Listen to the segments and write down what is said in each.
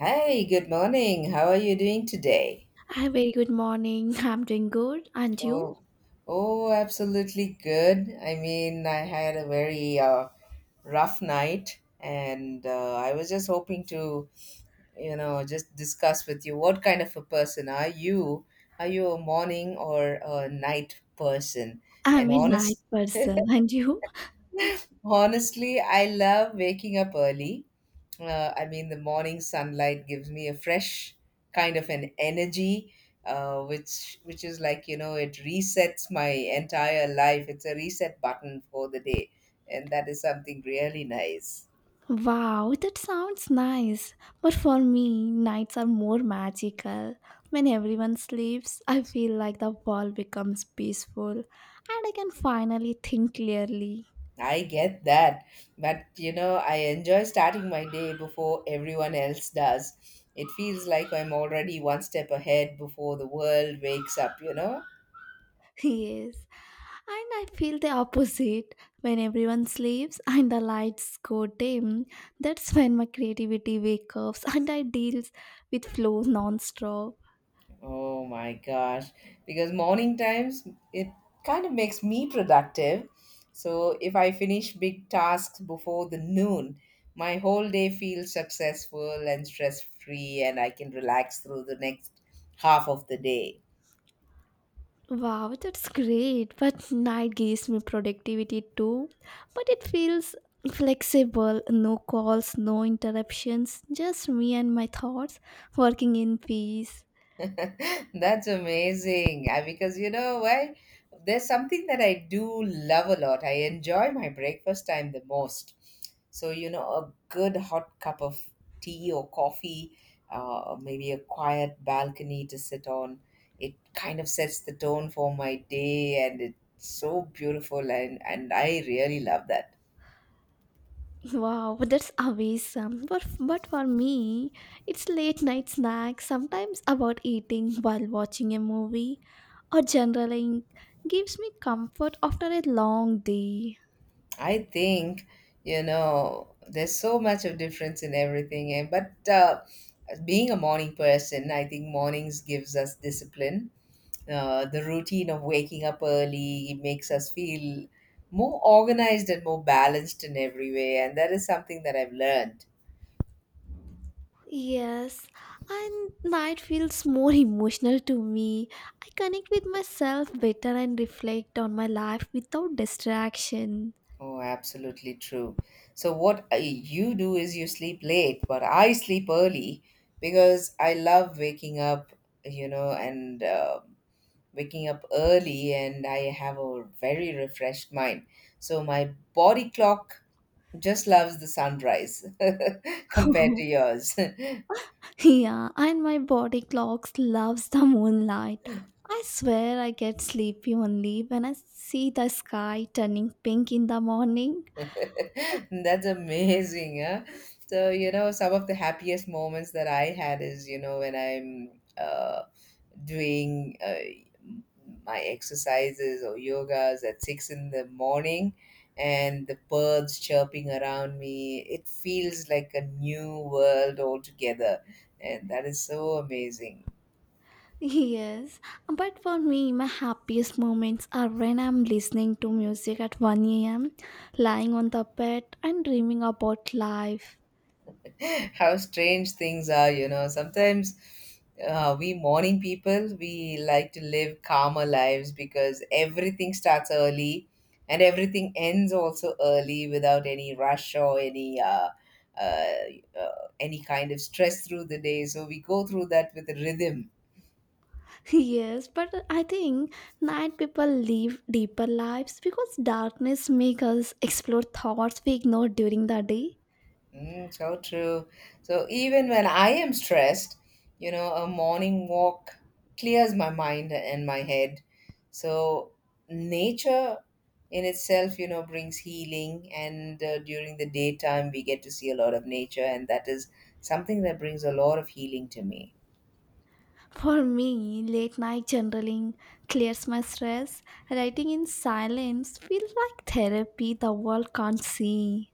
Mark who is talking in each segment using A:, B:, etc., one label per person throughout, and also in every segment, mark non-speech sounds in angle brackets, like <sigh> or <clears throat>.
A: Hi, good morning. How are you doing today?
B: Hi, very good morning. I'm doing good. And you?
A: Oh, oh, absolutely good. I mean, I had a very rough night, and I was just hoping to, just discuss with you what kind of a person are you? Are you a morning or a night person? And
B: I'm a night
A: honest,
B: person. <laughs> And you?
A: <laughs> honestly, I love waking up early. I mean, the morning sunlight gives me a fresh kind of an energy, which is like it resets my entire life. It's a reset button for the day, and that is something really nice.
B: Wow, that sounds nice. But for me, nights are more magical. When everyone sleeps, I feel like the world becomes peaceful and I can finally think clearly.
A: I get that, but I enjoy starting my day before everyone else does. It feels like I'm already one step ahead before the world wakes up. You know.
B: <laughs> Yes. And I feel the opposite. When everyone sleeps and the lights go dim, that's when my creativity wakes up and I deals with flow non-stop.
A: Oh my gosh. Because morning times, it kind of makes me productive. So if I finish big tasks before the noon, my whole day feels successful and stress free, and I can relax through the next half of the day.
B: Wow, that's great. But night gives me productivity too. But it feels flexible, no calls, no interruptions, just me and my thoughts working in peace.
A: That's amazing. Because you know why? There's something that I do love a lot. I enjoy my breakfast time the most. So, a good hot cup of tea or coffee, maybe a quiet balcony to sit on, it kind of sets the tone for my day, and it's so beautiful, and I really love that.
B: Wow, that's awesome. But for me, it's late night snacks, sometimes about eating while watching a movie or journaling gives me comfort after a long day.
A: I think, there's so much of difference in everything. And but being a morning person, I think mornings gives us discipline. The routine of waking up early makes us feel more organized and more balanced in every way. And that is something that I've learned.
B: Yes, and night feels more emotional to me. I connect with myself better and reflect on my life without distraction.
A: Oh, absolutely true. So what you do is you sleep late, but I sleep early because I love waking up, and waking up early, and I have a very refreshed mind. So my body clock just loves the sunrise <laughs> compared to
B: <laughs>
A: yours. <laughs>
B: Yeah, and my body clocks loves the moonlight. I swear I get sleepy only when I see the sky turning pink in the morning. <laughs>
A: That's amazing, huh? So, some of the happiest moments that I had is, when I'm doing my exercises or yogas at 6 in the morning, and the birds chirping around me, it feels like a new world altogether, and that is so amazing.
B: Yes, but for me, my happiest moments are when I'm listening to music at 1 a.m., lying on the bed, and dreaming about life.
A: <laughs> How strange things are, you know. Sometimes we morning people, we like to live calmer lives because everything starts early and everything ends also early without any rush or uh, uh, any kind of stress through the day, so we go through that with a rhythm.
B: Yes, but I think night people live deeper lives because darkness makes us explore thoughts we ignore during the day.
A: So true. So even when I am stressed, a morning walk clears my mind and my head. So nature in itself, brings healing. And during the daytime, we get to see a lot of nature, and that is something that brings a lot of healing to me.
B: For me, late night journaling clears my stress. Writing in silence feels like therapy the world can't see.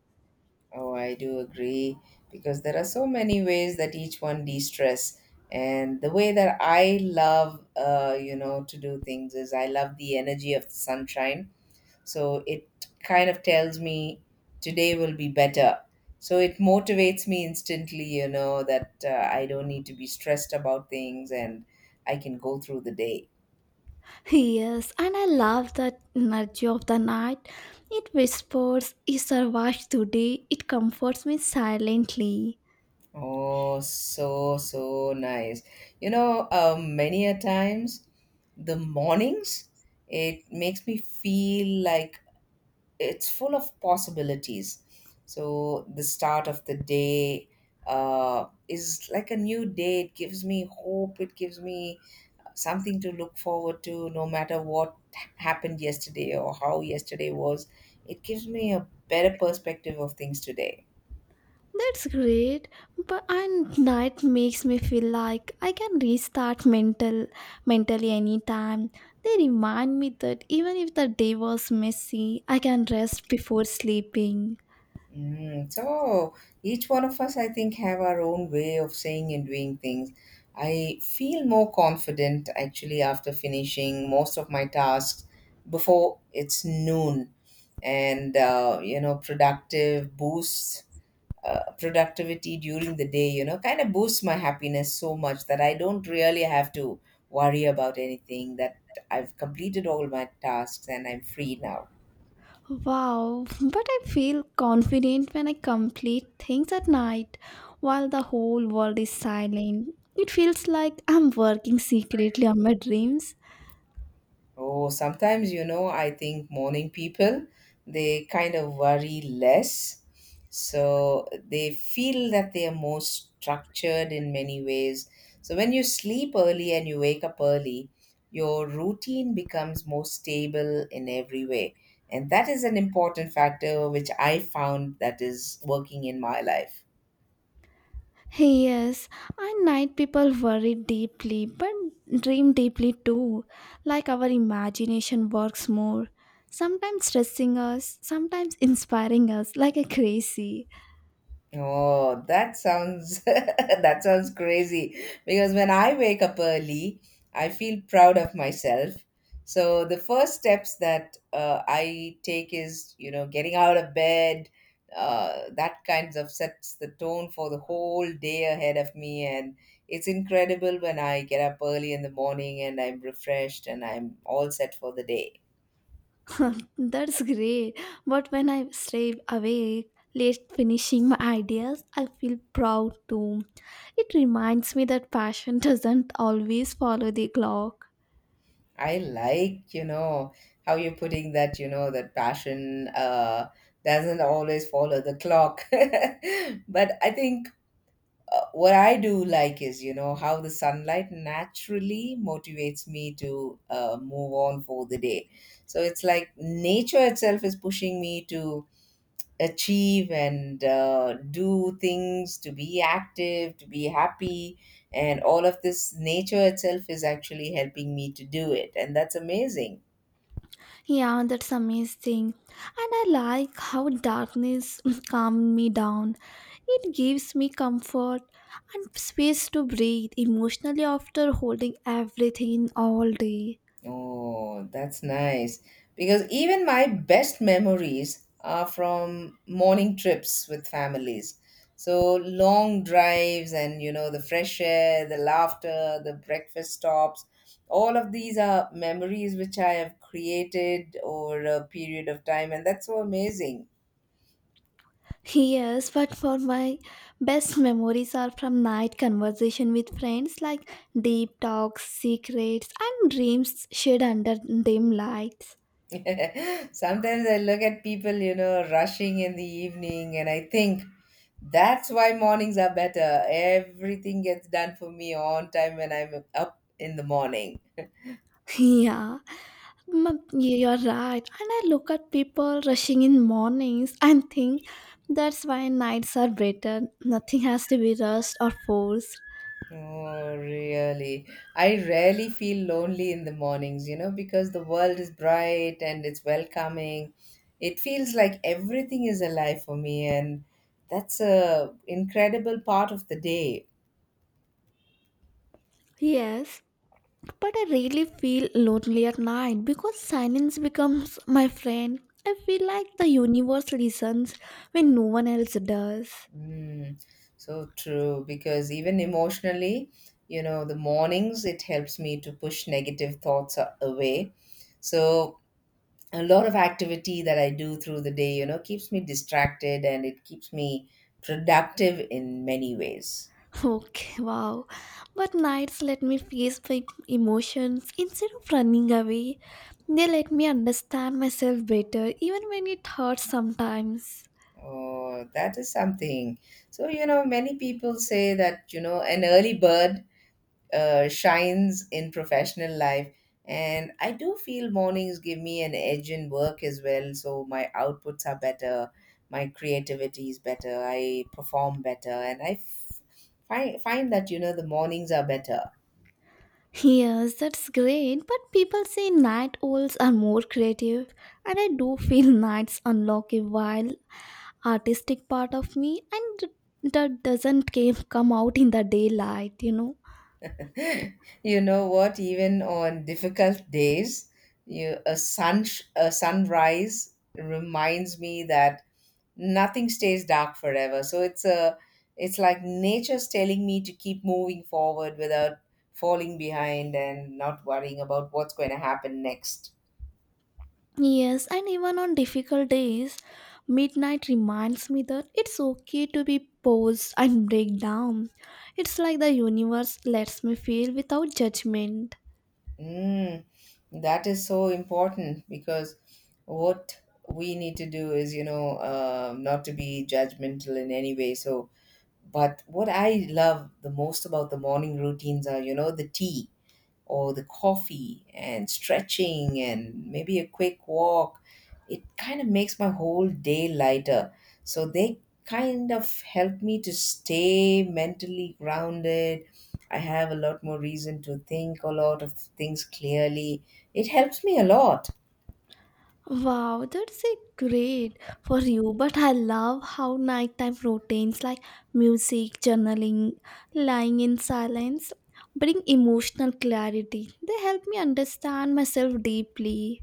A: Oh, I do agree because there are so many ways that each one de-stress. And the way that I love, to do things is I love the energy of the sunshine. So it kind of tells me today will be better. So it motivates me instantly, that I don't need to be stressed about things, and I can go through the day.
B: Yes, and I love the energy of the night. It whispers, "You survived today." It comforts me silently.
A: Oh, so, so nice. Many a times the mornings, it makes me feel like it's full of possibilities. So the start of the day is like a new day. It gives me hope. It gives me something to look forward to, no matter what happened yesterday or how yesterday was. It gives me a better perspective of things today.
B: That's great, but and that makes me feel like I can restart mentally anytime. They remind me that even if the day was messy, I can rest before sleeping.
A: So each one of us, I think, have our own way of saying and doing things. I feel more confident actually after finishing most of my tasks before it's noon, and you know, productive boosts productivity during the day, kind of boosts my happiness so much that I don't really have to worry about anything, that I've completed all my tasks and I'm free now.
B: Wow, but I feel confident when I complete things at night while the whole world is silent. It feels like I'm working secretly on my dreams.
A: Oh, sometimes, I think morning people, they kind of worry less. So they feel that they are more structured in many ways. So when you sleep early and you wake up early, your routine becomes more stable in every way. And that is an important factor which I found that is working in my life.
B: Yes, and night people worry deeply but dream deeply too. Like our imagination works more, sometimes stressing us, sometimes inspiring us like a crazy.
A: Oh, that sounds <laughs> that sounds crazy. Because when I wake up early, I feel proud of myself. So the first steps that I take is, getting out of bed. That kinds of sets the tone for the whole day ahead of me, and it's incredible when I get up early in the morning and I'm refreshed and I'm all set for the day.
B: <laughs> That's great. But when I stay awake, late finishing my ideas, I feel proud too. It reminds me that passion <laughs> doesn't always follow the clock.
A: I like, how you're putting that, that passion doesn't always follow the clock. <laughs> But I think what I do like is, how the sunlight naturally motivates me to move on for the day. So it's like nature itself is pushing me to achieve and do things, to be active, to be happy. And all of this nature itself is actually helping me to do it. And that's amazing.
B: Yeah, that's amazing. And I like how darkness <clears throat> <laughs> calmed me down. It gives me comfort and space to breathe emotionally after holding everything in all day.
A: Oh, that's nice. Because even my best memories are from morning trips with families. So long drives and, the fresh air, the laughter, the breakfast stops, all of these are memories which I have created over a period of time, and that's so amazing.
B: Yes, but for my best memories are from night conversation with friends like deep talks, secrets and dreams shared under dim lights.
A: <laughs> Sometimes I look at people, rushing in the evening, and I think that's why mornings are better. Everything gets done for me on time when I'm up in the morning.
B: <laughs> Yeah, you're right. And I look at people rushing in mornings and think that's why nights are better. Nothing has to be rushed or forced.
A: Oh, really? I rarely feel lonely in the mornings, because the world is bright and it's welcoming. It feels like everything is alive for me, and that's a incredible part of the day.
B: Yes, but I really feel lonely at night because silence becomes my friend. I feel like the universe listens when no one else does.
A: Mm, so true, because even emotionally, the mornings, it helps me to push negative thoughts away. So, a lot of activity that I do through the day, keeps me distracted and it keeps me productive in many ways.
B: Okay, wow. But nights let me face my emotions instead of running away. They let me understand myself better, even when it hurts sometimes.
A: Oh, that is something. So, many people say that, an early bird shines in professional life. And I do feel mornings give me an edge in work as well. So my outputs are better, my creativity is better, I perform better, and I find that the mornings are better.
B: Yes, that's great, but people say night owls are more creative, and I do feel nights unlock a wild, artistic part of me, and that doesn't come out in the daylight.
A: <laughs> You know what? Even on difficult days, you a sun a sunrise reminds me that nothing stays dark forever, so it's like nature's telling me to keep moving forward without falling behind and not worrying about what's going to happen next.
B: Yes, and even on difficult days, midnight reminds me that it's okay to be paused and break down. It's like the universe lets me feel without judgment.
A: mm, that is so important because what we need to do is not to be judgmental in any way, but what I love the most about the morning routines are the tea or the coffee and stretching and maybe a quick walk, it kind of makes my whole day lighter. So they kind of help me to stay mentally grounded. I have a lot more reason to think a lot of things clearly. It helps me a lot.
B: Wow, that's a great for you, but I love how nighttime routines like music, journaling, lying in silence bring emotional clarity. They help me understand myself deeply.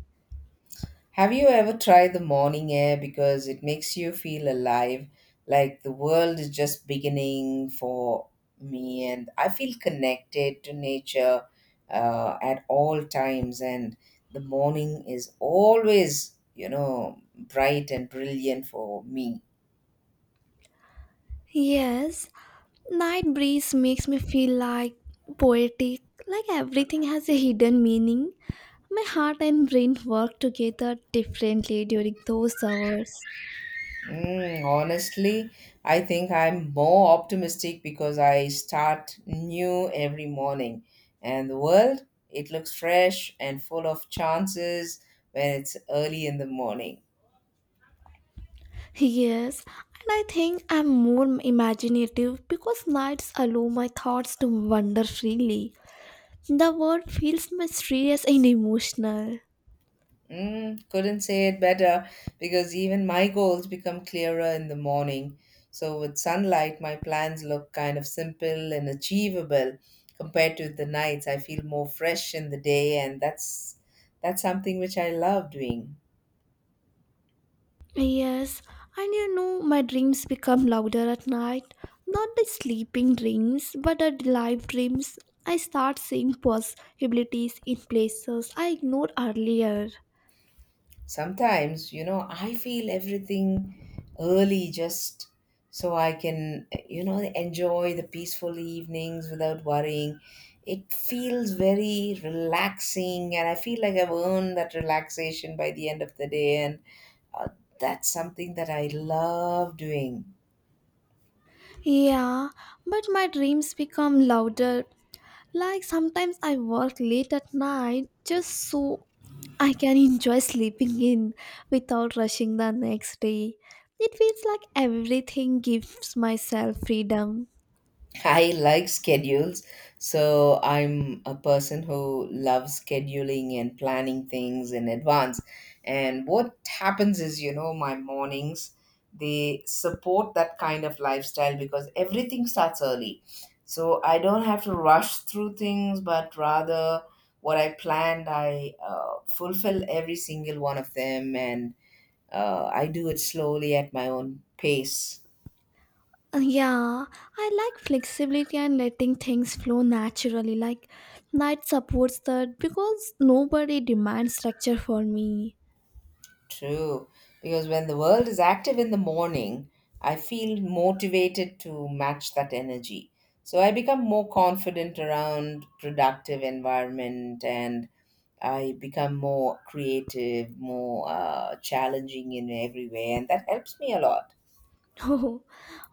A: Have you ever tried the morning air because it makes you feel alive, like the world is just beginning for me, and I feel connected to nature at all times. And the morning is always, bright and brilliant for me.
B: Yes, night breeze makes me feel like poetic, like everything has a hidden meaning. My heart and brain work together differently during those hours.
A: Honestly, I think I'm more optimistic because I start new every morning. And the world, it looks fresh and full of chances when it's early in the morning.
B: Yes, and I think I'm more imaginative because nights allow my thoughts to wander freely. The world feels mysterious and emotional.
A: Couldn't say it better because even my goals become clearer in the morning. So, with sunlight, my plans look kind of simple and achievable compared to the nights. I feel more fresh in the day, and that's something which I love doing.
B: Yes, and my dreams become louder at night. Not the sleeping dreams, but the live dreams. I start seeing possibilities in places I ignored earlier.
A: Sometimes I feel everything early, just so I can enjoy the peaceful evenings without worrying. It feels very relaxing, and I feel like I've earned that relaxation by the end of the day, and uh, that's something that I love doing.
B: Yeah, but my dreams become louder. Like sometimes I work late at night just so I can enjoy sleeping in without rushing the next day. It feels like everything gives myself freedom.
A: I like schedules. So I'm a person who loves scheduling and planning things in advance. And what happens is, my mornings, they support that kind of lifestyle because everything starts early. So I don't have to rush through things, but rather what I planned, I fulfill every single one of them, and I do it slowly at my own pace.
B: Yeah, I like flexibility and letting things flow naturally. Like, night supports that because nobody demands structure for me.
A: True, because when the world is active in the morning, I feel motivated to match that energy. So I become more confident around productive environment and I become more creative, more challenging in every way, and that helps me a lot.
B: <laughs> Oh,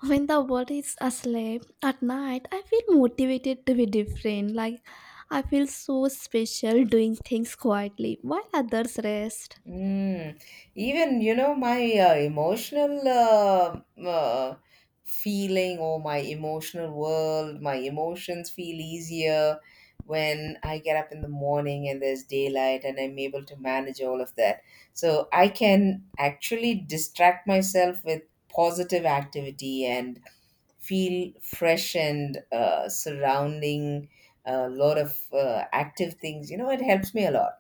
B: when the world is asleep at night, I feel motivated to be different. Like, I feel so special doing things quietly while others rest.
A: Mm. Even, my emotional feeling or my emotional world, my emotions feel easier when I get up in the morning and there's daylight and I'm able to manage all of that. So I can actually distract myself with positive activity and feel fresh and surrounding a lot of active things. It helps me a lot.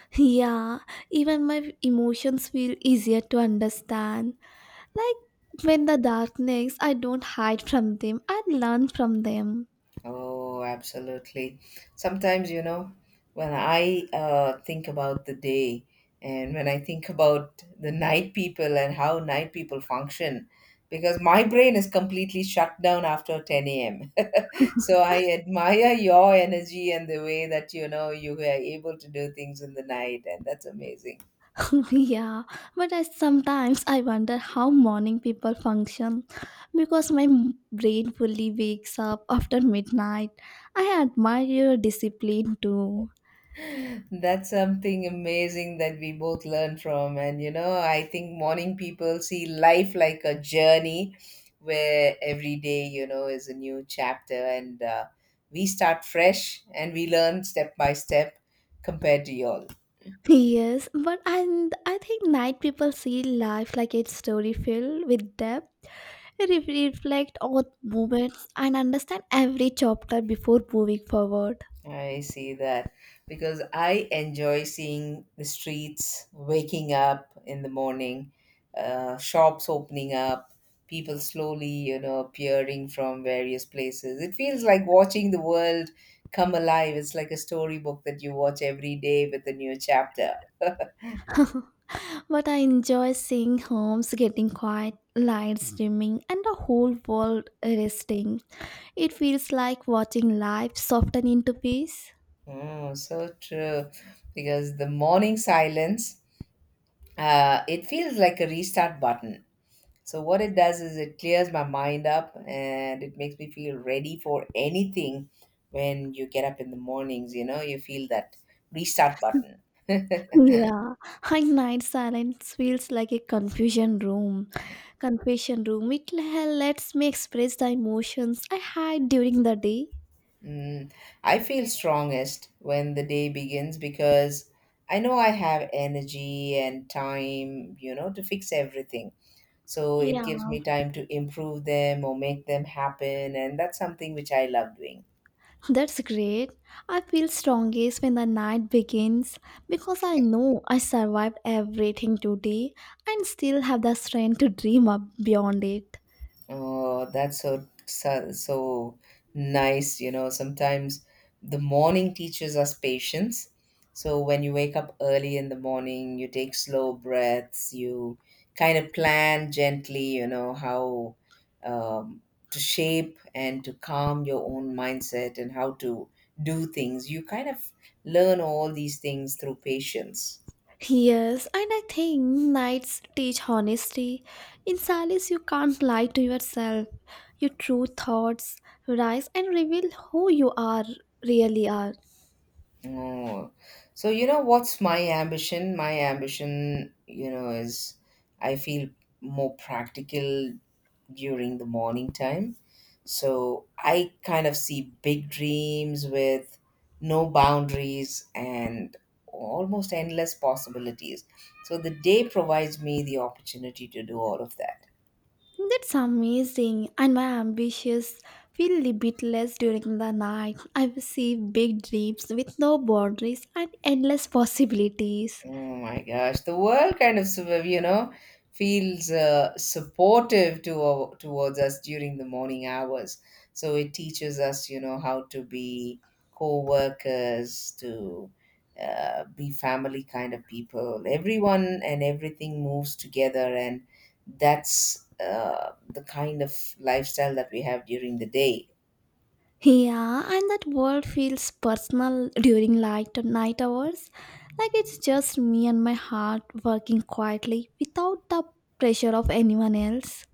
B: <laughs> Yeah, even my emotions feel easier to understand. Like, when the darkness, I don't hide from them, I learn from them.
A: Oh, absolutely. Sometimes, you know, when I think about the day and when I think about the night people and how night people function, because my brain is completely shut down after 10 a.m. <laughs> So I admire your energy and the way that, you know, you were able to do things in the night, and that's amazing.
B: <laughs> Yeah, but I sometimes I wonder how morning people function because my brain fully wakes up after midnight. I admire your discipline too.
A: That's something amazing that we both learn from. And you know, I think morning people see life like a journey where every day, you know, is a new chapter and we start fresh and we learn step by step compared to y'all.
B: <laughs> Yes, but and I think night people see life like a story filled with depth. Reflect on moments and understand every chapter before moving forward.
A: I see that because I enjoy seeing the streets waking up in the morning, shops opening up, people slowly, you know, appearing from various places. It feels like watching the world come alive. It's like a storybook that you watch every day with a new chapter. <laughs>
B: But I enjoy seeing homes getting quiet, lights dimming, and the whole world resting. It feels like watching life soften into peace.
A: Oh, so true. Because the morning silence, it feels like a restart button. So what it does is it clears my mind up and it makes me feel ready for anything when you get up in the mornings, you know, you feel that restart button.
B: Yeah, <laughs> at night silence feels like a confusion room. Confession room. It lets me express the emotions I had during the day.
A: Mm, I feel strongest when the day begins because I know I have energy and time, you know, to fix everything. So it
B: Yeah,
A: gives me time to improve them or make them happen, and that's something which I love doing.
B: that's great. I feel strongest when the night begins because I know I survived everything today and still have the strength to dream up beyond it.
A: Oh, that's so, so, so nice. You know, sometimes the morning teaches us patience. So when you wake up early in the morning, you take slow breaths, you kind of plan gently, you know, how um, to shape and to calm your own mindset and how to do things. You kind of learn all these things through patience.
B: Yes, and I think nights teach honesty. In silence, you can't lie to yourself. Your true thoughts rise and reveal who you are really are.
A: Oh, so you know what's my ambition? My ambition, you know, is I feel more practical during the morning time. So I kind of see big dreams with no boundaries and almost endless possibilities. So the day provides me the opportunity to do all of that.
B: That's amazing, and my ambitions feel limitless during the night. I will see big dreams with no boundaries and endless possibilities.
A: Oh my gosh, the world kind of sort of, you know, feels supportive to towards us during the morning hours. So it teaches us, you know, how to be co-workers, to be family kind of people. Everyone and everything moves together, and that's the kind of lifestyle that we have during the day.
B: Yeah, and that world feels personal during light night hours. Like it's just me and my heart working quietly without the pressure of anyone else.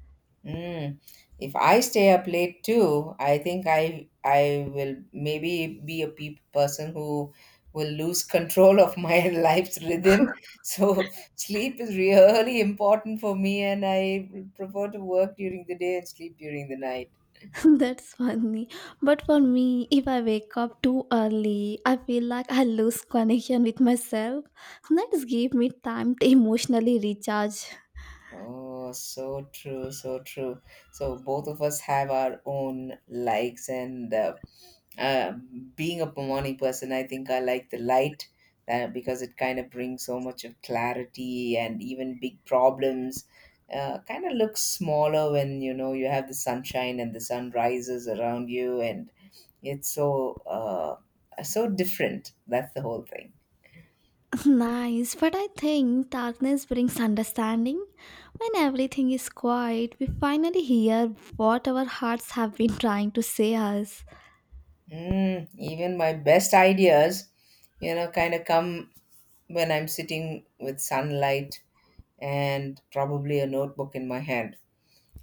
A: Mm. If I stay up late too, I think I will maybe be a pe person who will lose <laughs> control of my <laughs> life's rhythm. So sleep is really important for me, and I prefer to work during the day and sleep during the night.
B: <laughs> That's funny. But for me, if I wake up too early, I feel like I lose connection with myself. That's give me time to emotionally recharge.
A: Oh, so true, so true. So both of us have our own likes, and uh, being a morning person, I think I like the light because it kind of brings so much of clarity and even big problems. Kind of look smaller when you know you have the sunshine and the sun rises around you, and it's so so different. That's the whole thing.
B: <laughs> Nice, but I think darkness brings understanding. When everything is quiet, we finally hear what our hearts have been trying to say us.
A: Mm, even my best ideas, you know, kind of come when I'm sitting with sunlight and probably a notebook in my hand.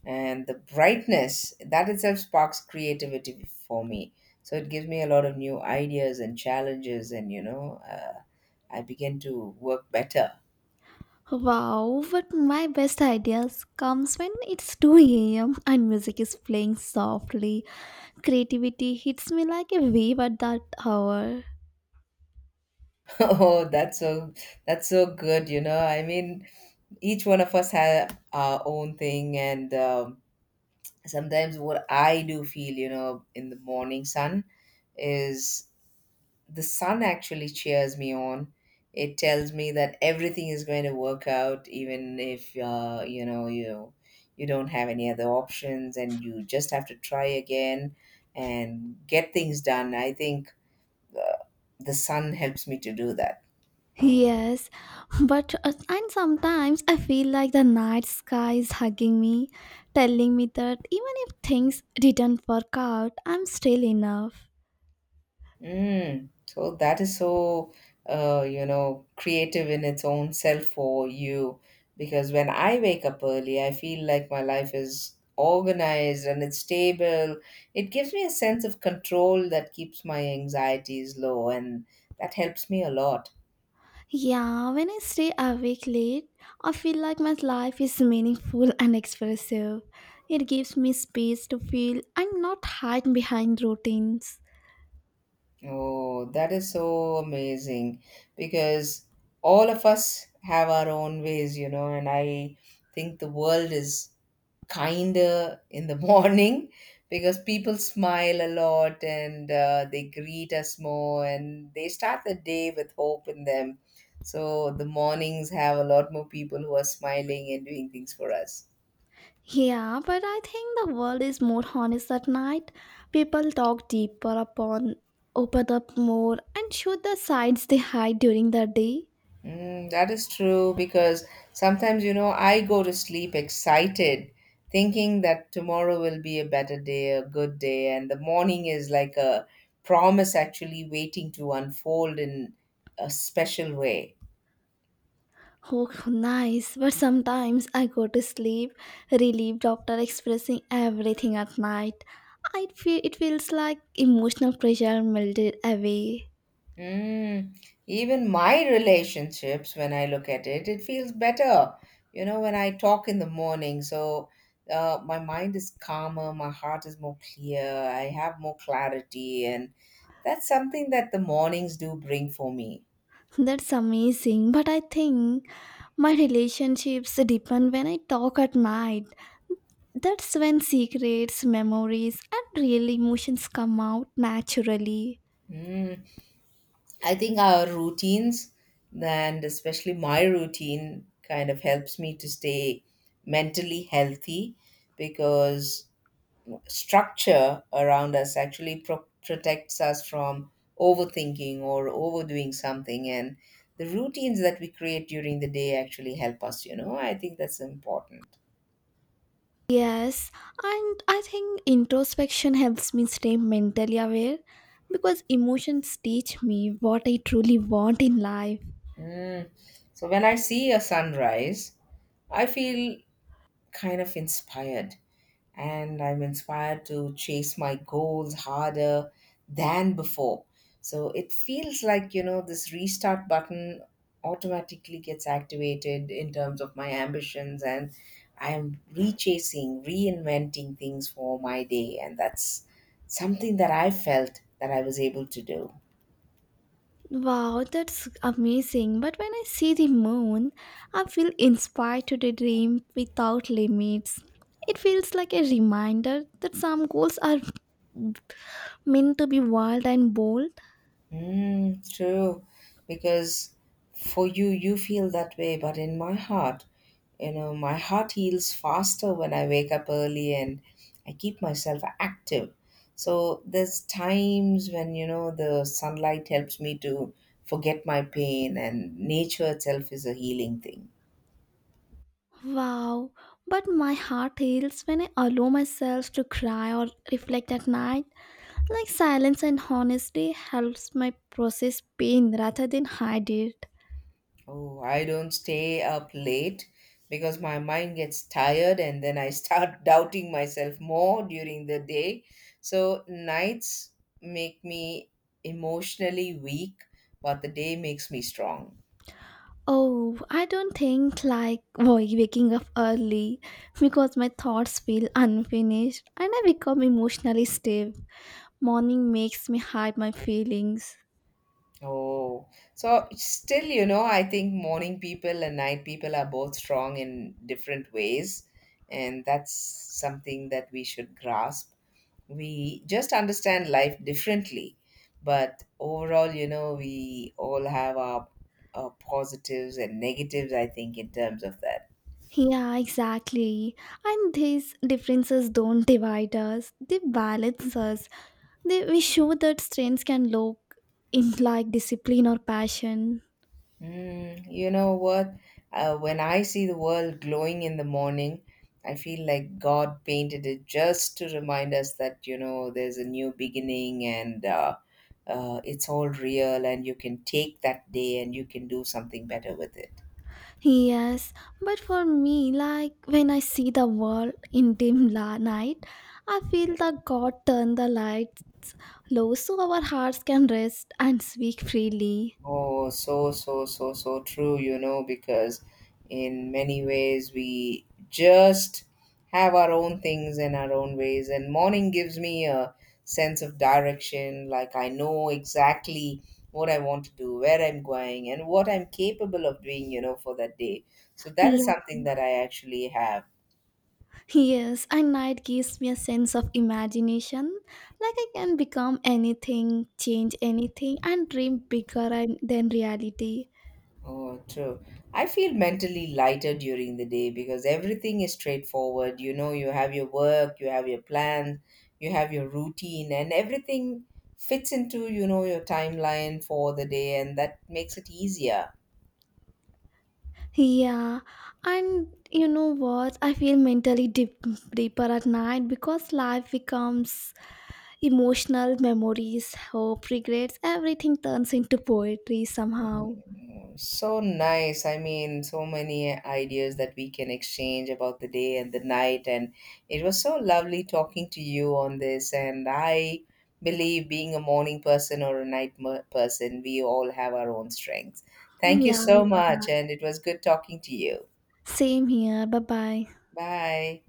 A: And the brightness, that itself sparks creativity for me. So it gives me a lot of new ideas and challenges, and you know, I begin to work better.
B: Wow, but my best ideas comes when it's 2 a.m. and music is playing softly. Creativity hits me like a wave at that hour.
A: <laughs> Oh, that's so, that's so good. You know, I mean, each one of us have our own thing, and sometimes what I do feel, you know, in the morning sun is the sun actually cheers me on. It tells me that everything is going to work out, even if you know, you don't have any other options, and you just have to try again and get things done. I think the sun helps me to do that.
B: Yes, but and sometimes I feel like the night sky is hugging me, telling me that even if things didn't work out, I'm still enough.
A: Mm, so that is so, you know, creative in its own self for you. Because when I wake up early, I feel like my life is organized and it's stable. It gives me a sense of control that keeps my anxieties low, and that helps me a lot.
B: Yeah, when I stay awake late, I feel like my life is meaningful and expressive. It gives me space to feel and not hide behind routines.
A: Oh, that is so amazing because all of us have our own ways, you know, and I think the world is kinder in the <laughs> morning because people smile a lot and they greet us more and they start the day with hope in them. So the mornings have a lot more people who are smiling and doing things for us.
B: Yeah, but I think the world is more honest at night. People talk deeper upon, open up more, and show the sides they hide during the day.
A: Mm, that is true because sometimes, you know, I go to sleep excited, thinking that tomorrow will be a better day, a good day, and the morning is like a promise actually waiting to unfold in a special way.
B: Oh, nice. But sometimes I go to sleep relieved after expressing everything at night. I feel it feels like emotional pressure melted away.
A: Mm, even my relationships, when I look at it, it feels better, you know, when I talk in the morning. So my mind is calmer, my heart is more clear, I have more clarity, and that's something that the mornings do bring for me.
B: That's amazing. But I think my relationships deepen when I talk at night. That's when secrets, memories, and real emotions come out naturally.
A: Mm, I think our routines, and especially my routine, kind of helps me to stay mentally healthy because structure around us actually protects us from overthinking or overdoing something, and the routines that we create during the day actually help us. You know, I think that's important.
B: Yes, and I think introspection helps me stay mentally aware because emotions teach me what I truly want in life.
A: Mm. So when I see a sunrise, I feel kind of inspired, and I'm inspired to chase my goals harder than before. So it feels like, you know, this restart button automatically gets activated in terms of my ambitions, and I am rechasing, reinventing things for my day. And that's something that I felt that I was able to do.
B: Wow, that's amazing. But when I see the moon, I feel inspired to dream without limits. It feels like a reminder that some goals are meant to be wild and bold.
A: Mm, true, because for you, you feel that way, but in my heart, you know, my heart heals faster when I wake up early and I keep myself active. So there's times when, you know, the sunlight helps me to forget my pain, and nature itself is a healing thing.
B: Wow, but my heart heals when I allow myself to cry or reflect at night. Like silence and honesty helps my process pain rather than hide it.
A: Oh, I don't stay up late because my mind gets tired and then I start <laughs> doubting myself more during the day. So nights make me emotionally weak, but the day makes me strong.
B: Oh, I don't think like why waking up early because my thoughts feel unfinished and I become emotionally stiff. Morning makes me hide my feelings.
A: Oh, so still, you know, I think morning people and night people are both strong in different ways, and that's something that we should grasp. We just understand life differently, but overall, you know, we all have our positives and negatives, I think, in terms of that.
B: Yeah, exactly. And these differences don't divide us, they balance us. We show that strengths can look in like discipline or passion.
A: Mm, you know what, when I see the world glowing in the morning, I feel like God painted it just to remind us that, you know, there's a new beginning, and it's all real and you can take that day and you can do something better with it.
B: Yes, but for me, like when I see the world in dim night, I feel that God turned the lights low so our hearts can rest and speak freely.
A: Oh, so, so, so, so true, you know, because in many ways we just have our own things and our own ways. And morning gives me a sense of direction, like I know exactly what I want to do, where I'm going, and what I'm capable of doing, you know, for that day. So that is something that I actually have.
B: Yes, and night gives me a sense of imagination. Like I can become anything, change anything, and dream bigger than reality.
A: Oh, true. I feel mentally lighter during the day because everything is straightforward. You know, you have your work, you have your plans, you have your routine, and everything fits into, you know, your timeline for the day, and that makes it easier.
B: Yeah, and you know what? I feel mentally deeper at night because life becomes emotional memories, hope, regrets, everything turns into poetry somehow.
A: Mm, so nice. I mean, so many ideas that we can exchange about the day and the night. And it was so lovely talking to you on this. And I believe being a morning person or a person, we all have our own strengths. Thank you
B: Yeah,
A: so
B: yeah.
A: much. And it was good talking to you.
B: Same here. Bye bye.
A: Bye.